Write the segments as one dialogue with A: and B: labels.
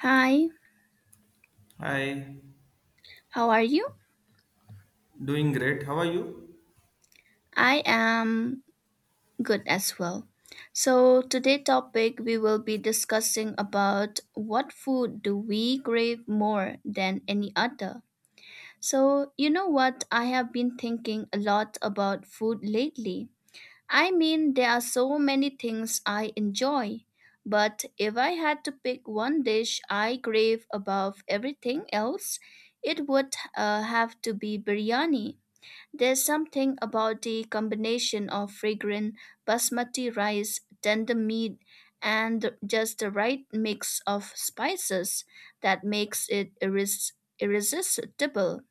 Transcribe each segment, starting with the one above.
A: Hi,
B: Hi,
A: how are you?
B: doing great. How are you?
A: I am good as well. So today topic we will be discussing about what food do we crave more than any other. So you know what I have been thinking a lot about food lately. I mean there are so many things I enjoy, but if I had to pick one dish I crave above everything else, it would have to be biryani. There's something about the combination of fragrant basmati rice, tender meat, and just the right mix of spices that makes it irresistible.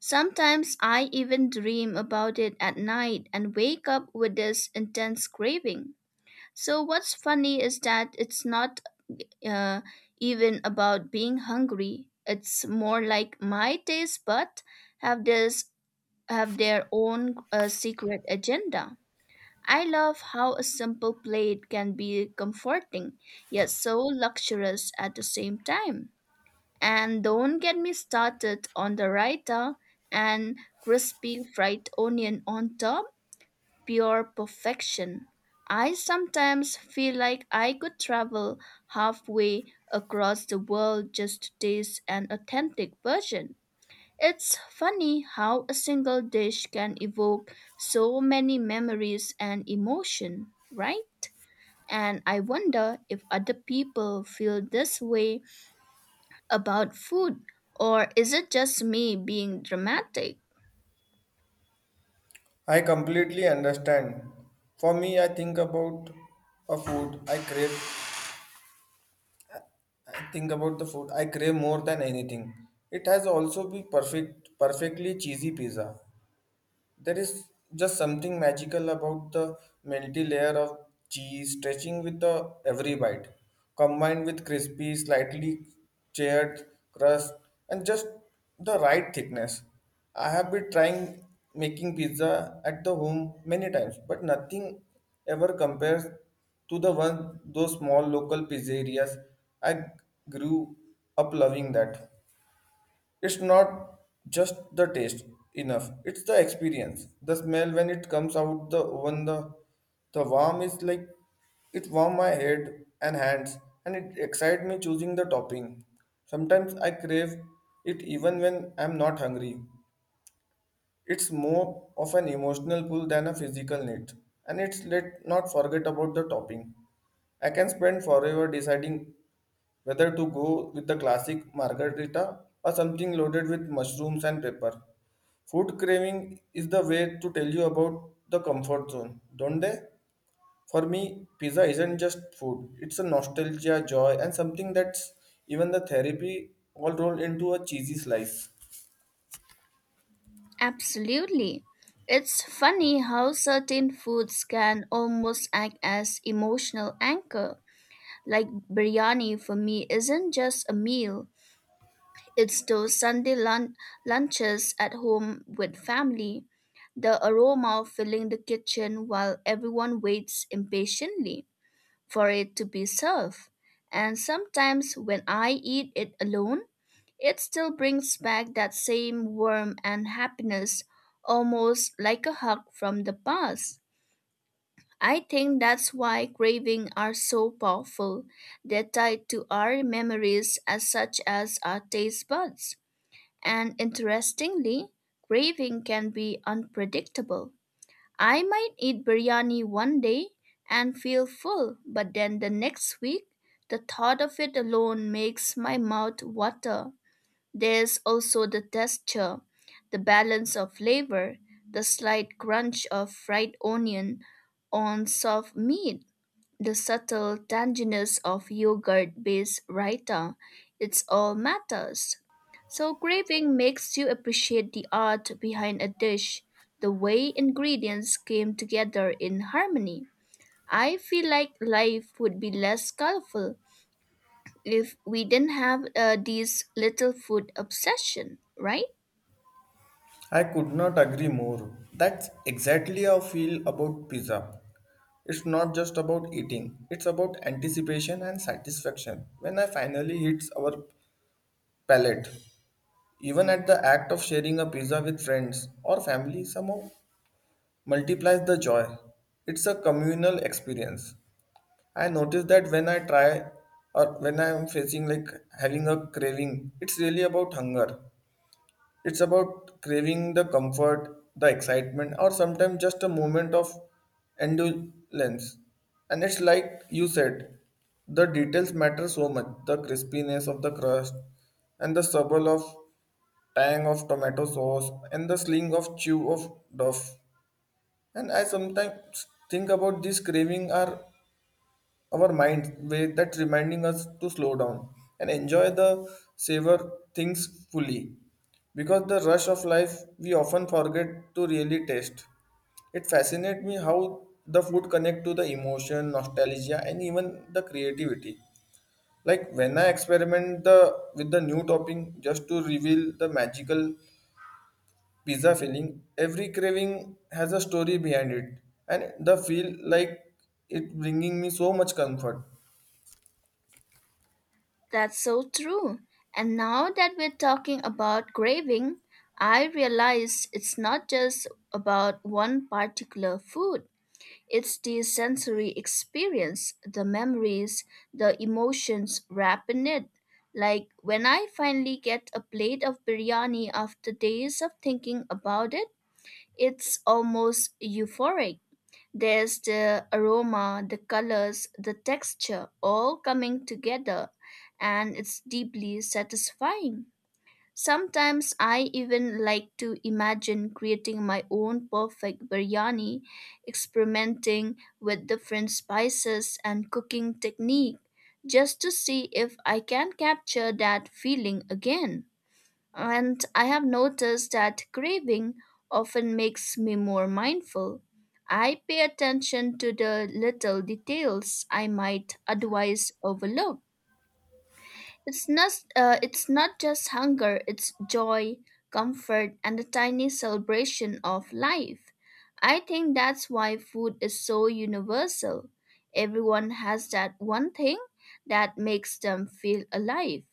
A: Sometimes I even dream about it at night and wake up with this intense craving. So, what's funny is that it's not uh, even about being hungry, it's more like my taste bud have this have their own secret agenda. I love how a simple plate can be comforting, yet so luxurious at the same time. And don't get me started on the raita and crispy fried onion on top, pure perfection. I sometimes feel like I could travel halfway across the world just to taste an authentic version. It's funny how a single dish can evoke so many memories and emotion, right? And I wonder if other people feel this way about food, or is it just me being dramatic?
B: I completely understand. For me, I think about a food I crave. I think about the food I crave more than anything. It has also be perfect, perfectly cheesy pizza. There is just something magical about the melty layer of cheese stretching with the every bite, combined with crispy, slightly charred crust and just the right thickness. I have been trying making pizza at the home many times, but nothing ever compares to the one those small local pizzerias. I grew up loving that. It's not just the taste enough, it's the experience. The smell when it comes out the oven, the warm is like it warm my head and hands and it excite me choosing the topping. Sometimes I crave it even when I'm not hungry. It's more of an emotional pull than a physical need. And it's let not forget about the topping. I can spend forever deciding whether to go with the classic margarita or something loaded with mushrooms and pepper. Food craving is the way to tell you about the comfort zone, don't they? For me, pizza isn't just food, it's a nostalgia, joy, and something that's even the therapy all rolled into a cheesy slice.
A: Absolutely. It's funny how certain foods can almost act as emotional anchor. Like biryani for me isn't just a meal, it's those lunches at home with family, the aroma of filling the kitchen while everyone waits impatiently for it to be served. And sometimes when I eat it alone, it still brings back that same warmth and happiness, almost like a hug from the past. I think that's why cravings are so powerful. They're tied to our memories as such as our taste buds. And interestingly, craving can be unpredictable. I might eat biryani one day and feel full, but then the next week, the thought of it alone makes my mouth water. There's also the texture, the balance of flavor, the slight crunch of fried onion on soft meat the subtle tanginess of yogurt based raita. It's all matters. So, craving makes you appreciate the art behind a dish, the way ingredients came together in harmony. I feel like life would be less colorful if we didn't have these little food obsession, right?
B: I could not agree more. That's exactly how I feel about pizza. It's not just about eating, it's about anticipation and satisfaction when I finally hits our palate. Even at the act of sharing a pizza with friends or family somehow multiplies the joy. It's a communal experience. I notice that when I try or when I'm facing like having a craving, it's really about hunger. It's about craving the comfort, the excitement, or sometimes just a moment of indulgence. And it's like you said, the details matter so much the crispiness of the crust, and the subtle of tang of tomato sauce, and the sling of chew of duff. And I sometimes think about these craving are our mind way that's reminding us to slow down and enjoy the savor things fully because the rush of life we often forget to really taste it fascinates me how the food connect to the emotion nostalgia and even the creativity like when I experiment the with the new topping just to reveal the magical pizza filling every craving has a story behind it and the feel like it bringing me so much comfort.
A: That's so true. And now that we're talking about craving, I realize it's not just about one particular food. It's the sensory experience, the memories, the emotions wrapped in it. Like when I finally get a plate of biryani after days of thinking about it, it's almost euphoric. There's the aroma, the colors, the texture all coming together, and it's deeply satisfying. Sometimes I even like to imagine creating my own perfect biryani, experimenting with different spices and cooking technique just to see if I can capture that feeling again. And I have noticed that craving often makes me more mindful. I pay attention to the little details I might otherwise overlook. It's not just hunger, it's joy, comfort, and a tiny celebration of life. I think that's why food is so universal. Everyone has that one thing that makes them feel alive.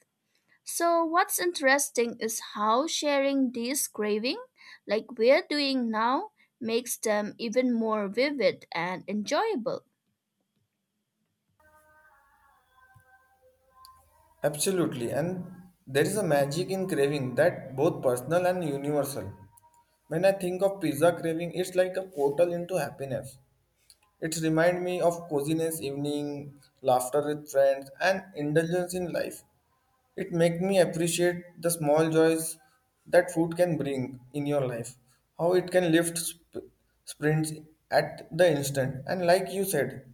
A: So, what's interesting is how sharing these craving, like we're doing now, makes them even more vivid and enjoyable.
B: Absolutely, and there is a magic in craving that both personal and universal. When I think of pizza craving, it's like a portal into happiness. It reminds me of coziness evening, laughter with friends, and indulgence in life. It makes me appreciate the small joys that food can bring in your life, how it can lift sprints at the instant. And like you said,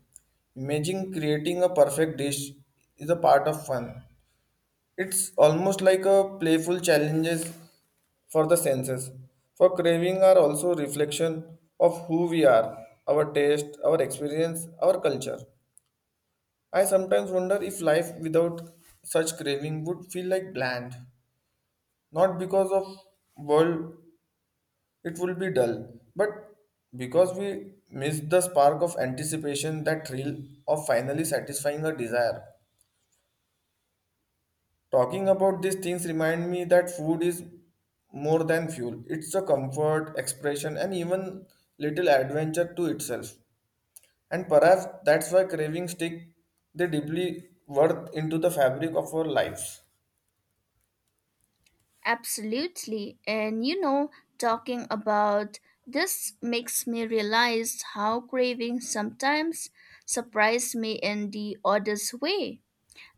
B: imagining creating a perfect dish is a part of fun. It's almost like a playful challenges for the senses. For craving are also reflection of who we are, our taste, our experience, our culture. I sometimes wonder if life without such craving would feel like bland. Not because of world it will be dull, but because we miss the spark of anticipation that thrill of finally satisfying a desire. Talking about these things remind me that food is more than fuel. It's a comfort, expression, and even little adventure to itself. And perhaps that's why cravings stick they deeply worth into the fabric of our lives.
A: Absolutely. And you know, talking about this makes me realize how cravings sometimes surprise me in the oddest way.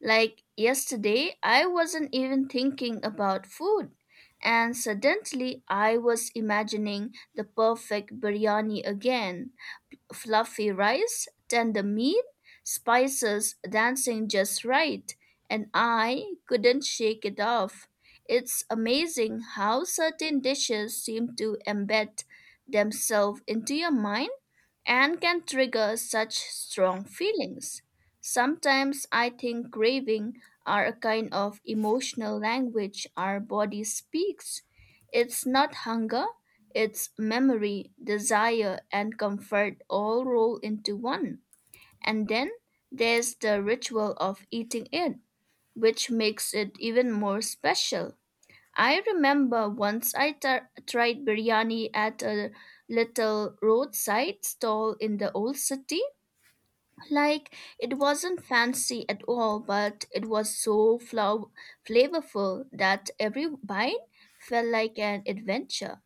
A: Like yesterday, I wasn't even thinking about food, and suddenly I was imagining the perfect biryani again. Fluffy rice, tender meat, spices dancing just right, and I couldn't shake it off. It's amazing how certain dishes seem to embed themselves into your mind and can trigger such strong feelings. Sometimes I think craving are a kind of emotional language our body speaks. It's not hunger, it's memory, desire, and comfort all roll into one. And then there's the ritual of eating it, which makes it even more special. I remember once I tried biryani at a little roadside stall in the old city. Like, it wasn't fancy at all, but it was so flavorful that every bite felt like an adventure.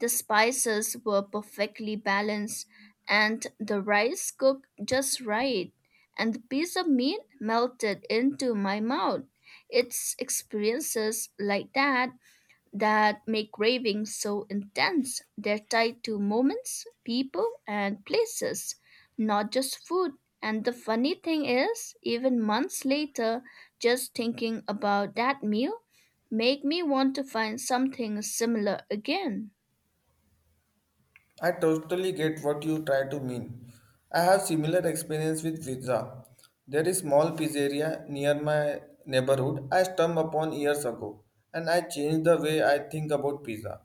A: The spices were perfectly balanced, and the rice cooked just right, and the piece of meat melted into my mouth. It's experiences like that that make ravings so intense. They're tied to moments, people, and places, not just food. And the funny thing is, even months later, just thinking about that meal make me want to find something similar again.
B: I totally get what you try to mean. I have similar experience with pizza. There is small pizzeria near my neighborhood I stumbled upon years ago, and I changed the way I think about pizza.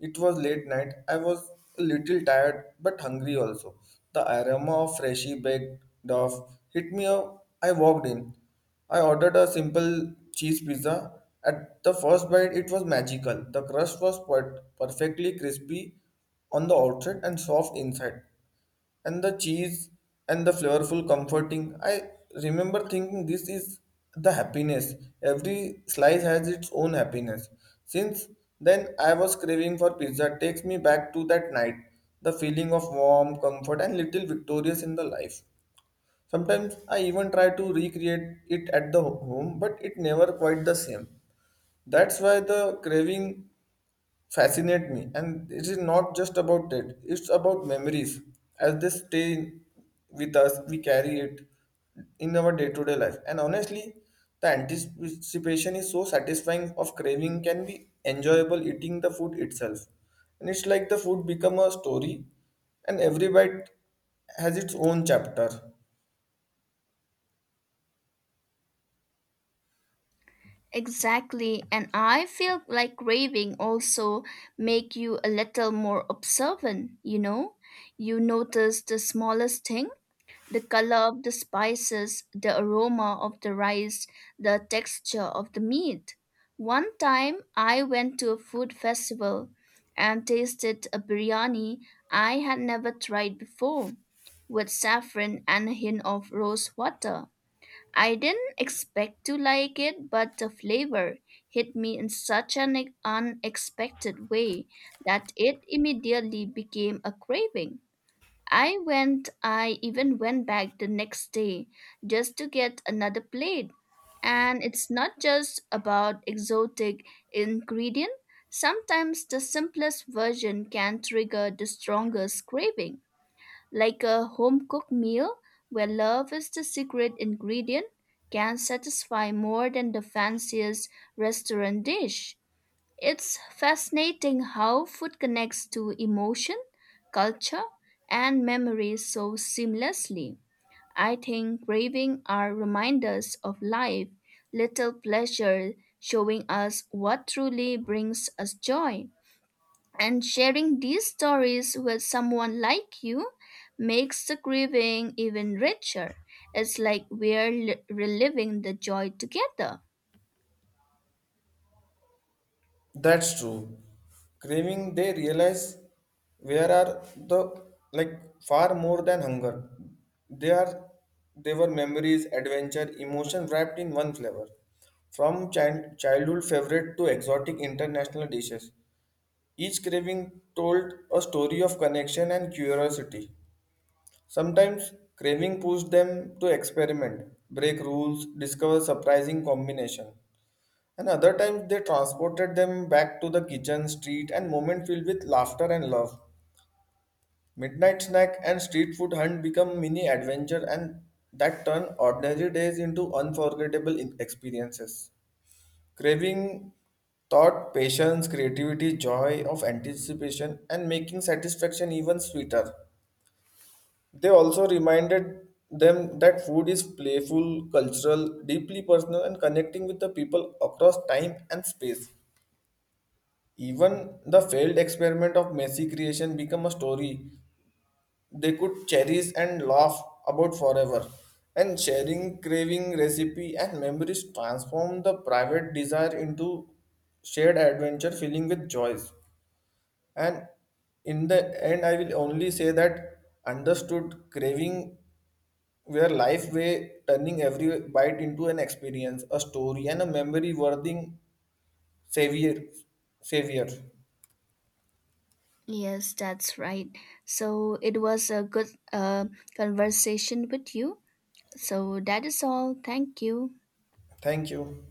B: It was late night. I was a little tired but hungry also. The aroma of freshly baked dough hit me up. I walked in. I ordered a simple cheese pizza. At the first bite, it was magical. The crust was perfectly crispy on the outside and soft inside, and the cheese and the flavorful comforting. I remember thinking this is the happiness. Every slice has its own happiness. Since then I was craving for pizza, takes me back to that night, the feeling of warm comfort and little victorious in the life. Sometimes I even try to recreate it at the home, but it never quite the same. That's why the craving fascinate me, and it is not just about it, it's about memories as they with us. We carry it in our day-to-day life, and honestly the anticipation is so satisfying of craving can be enjoyable eating the food itself. And it's like the food become a story and every bite has its own chapter.
A: Exactly, and I feel like raving also make you a little more observant, you know? You notice the smallest thing the color of the spices, the aroma of the rice, the texture of the meat. One time I went to a food festival and tasted a biryani I had never tried before with saffron and a hint of rose water. I didn't expect to like it, but the flavor hit me in such an unexpected way that it immediately became a craving. I even went back the next day just to get another plate. And it's not just about exotic ingredient. Sometimes the simplest version can trigger the strongest craving, like a home-cooked meal where love is the secret ingredient can satisfy more than the fanciest restaurant dish. It's fascinating how food connects to emotion, culture, and memory so seamlessly. I think cravings are reminders of life, little pleasure showing us what truly brings us joy. And sharing these stories with someone like you makes the craving even richer. It's like we're reliving the joy together.
B: That's true. Craving, they realize where are the like far more than hunger. They are they were memories, adventure, emotion wrapped in one flavor. From childhood favorite to exotic international dishes, each craving told a story of connection and curiosity. Sometimes craving pushed them to experiment, break rules, discover surprising combination. And other times they transported them back to the kitchen, street, and moment filled with laughter and love. Midnight snack and street food hunt become mini adventure, and that turn ordinary days into experiences. Craving thought, patience, creativity, joy of anticipation, and making satisfaction even sweeter. They also reminded them that food is playful, cultural, deeply personal, and connecting with the people across time and space. Even the failed experiment of messy creation become a story they could cherish and laugh about forever. And sharing craving, recipe, and memories transform the private desire into shared adventure filling with joys. And in the end, I will only say that understood craving where life way turning every bite into an experience, a story, and a memory worthy savior. Savior.
A: Yes, that's right. So it was a good uh, conversation with you. So that is all. Thank you.
B: Thank you.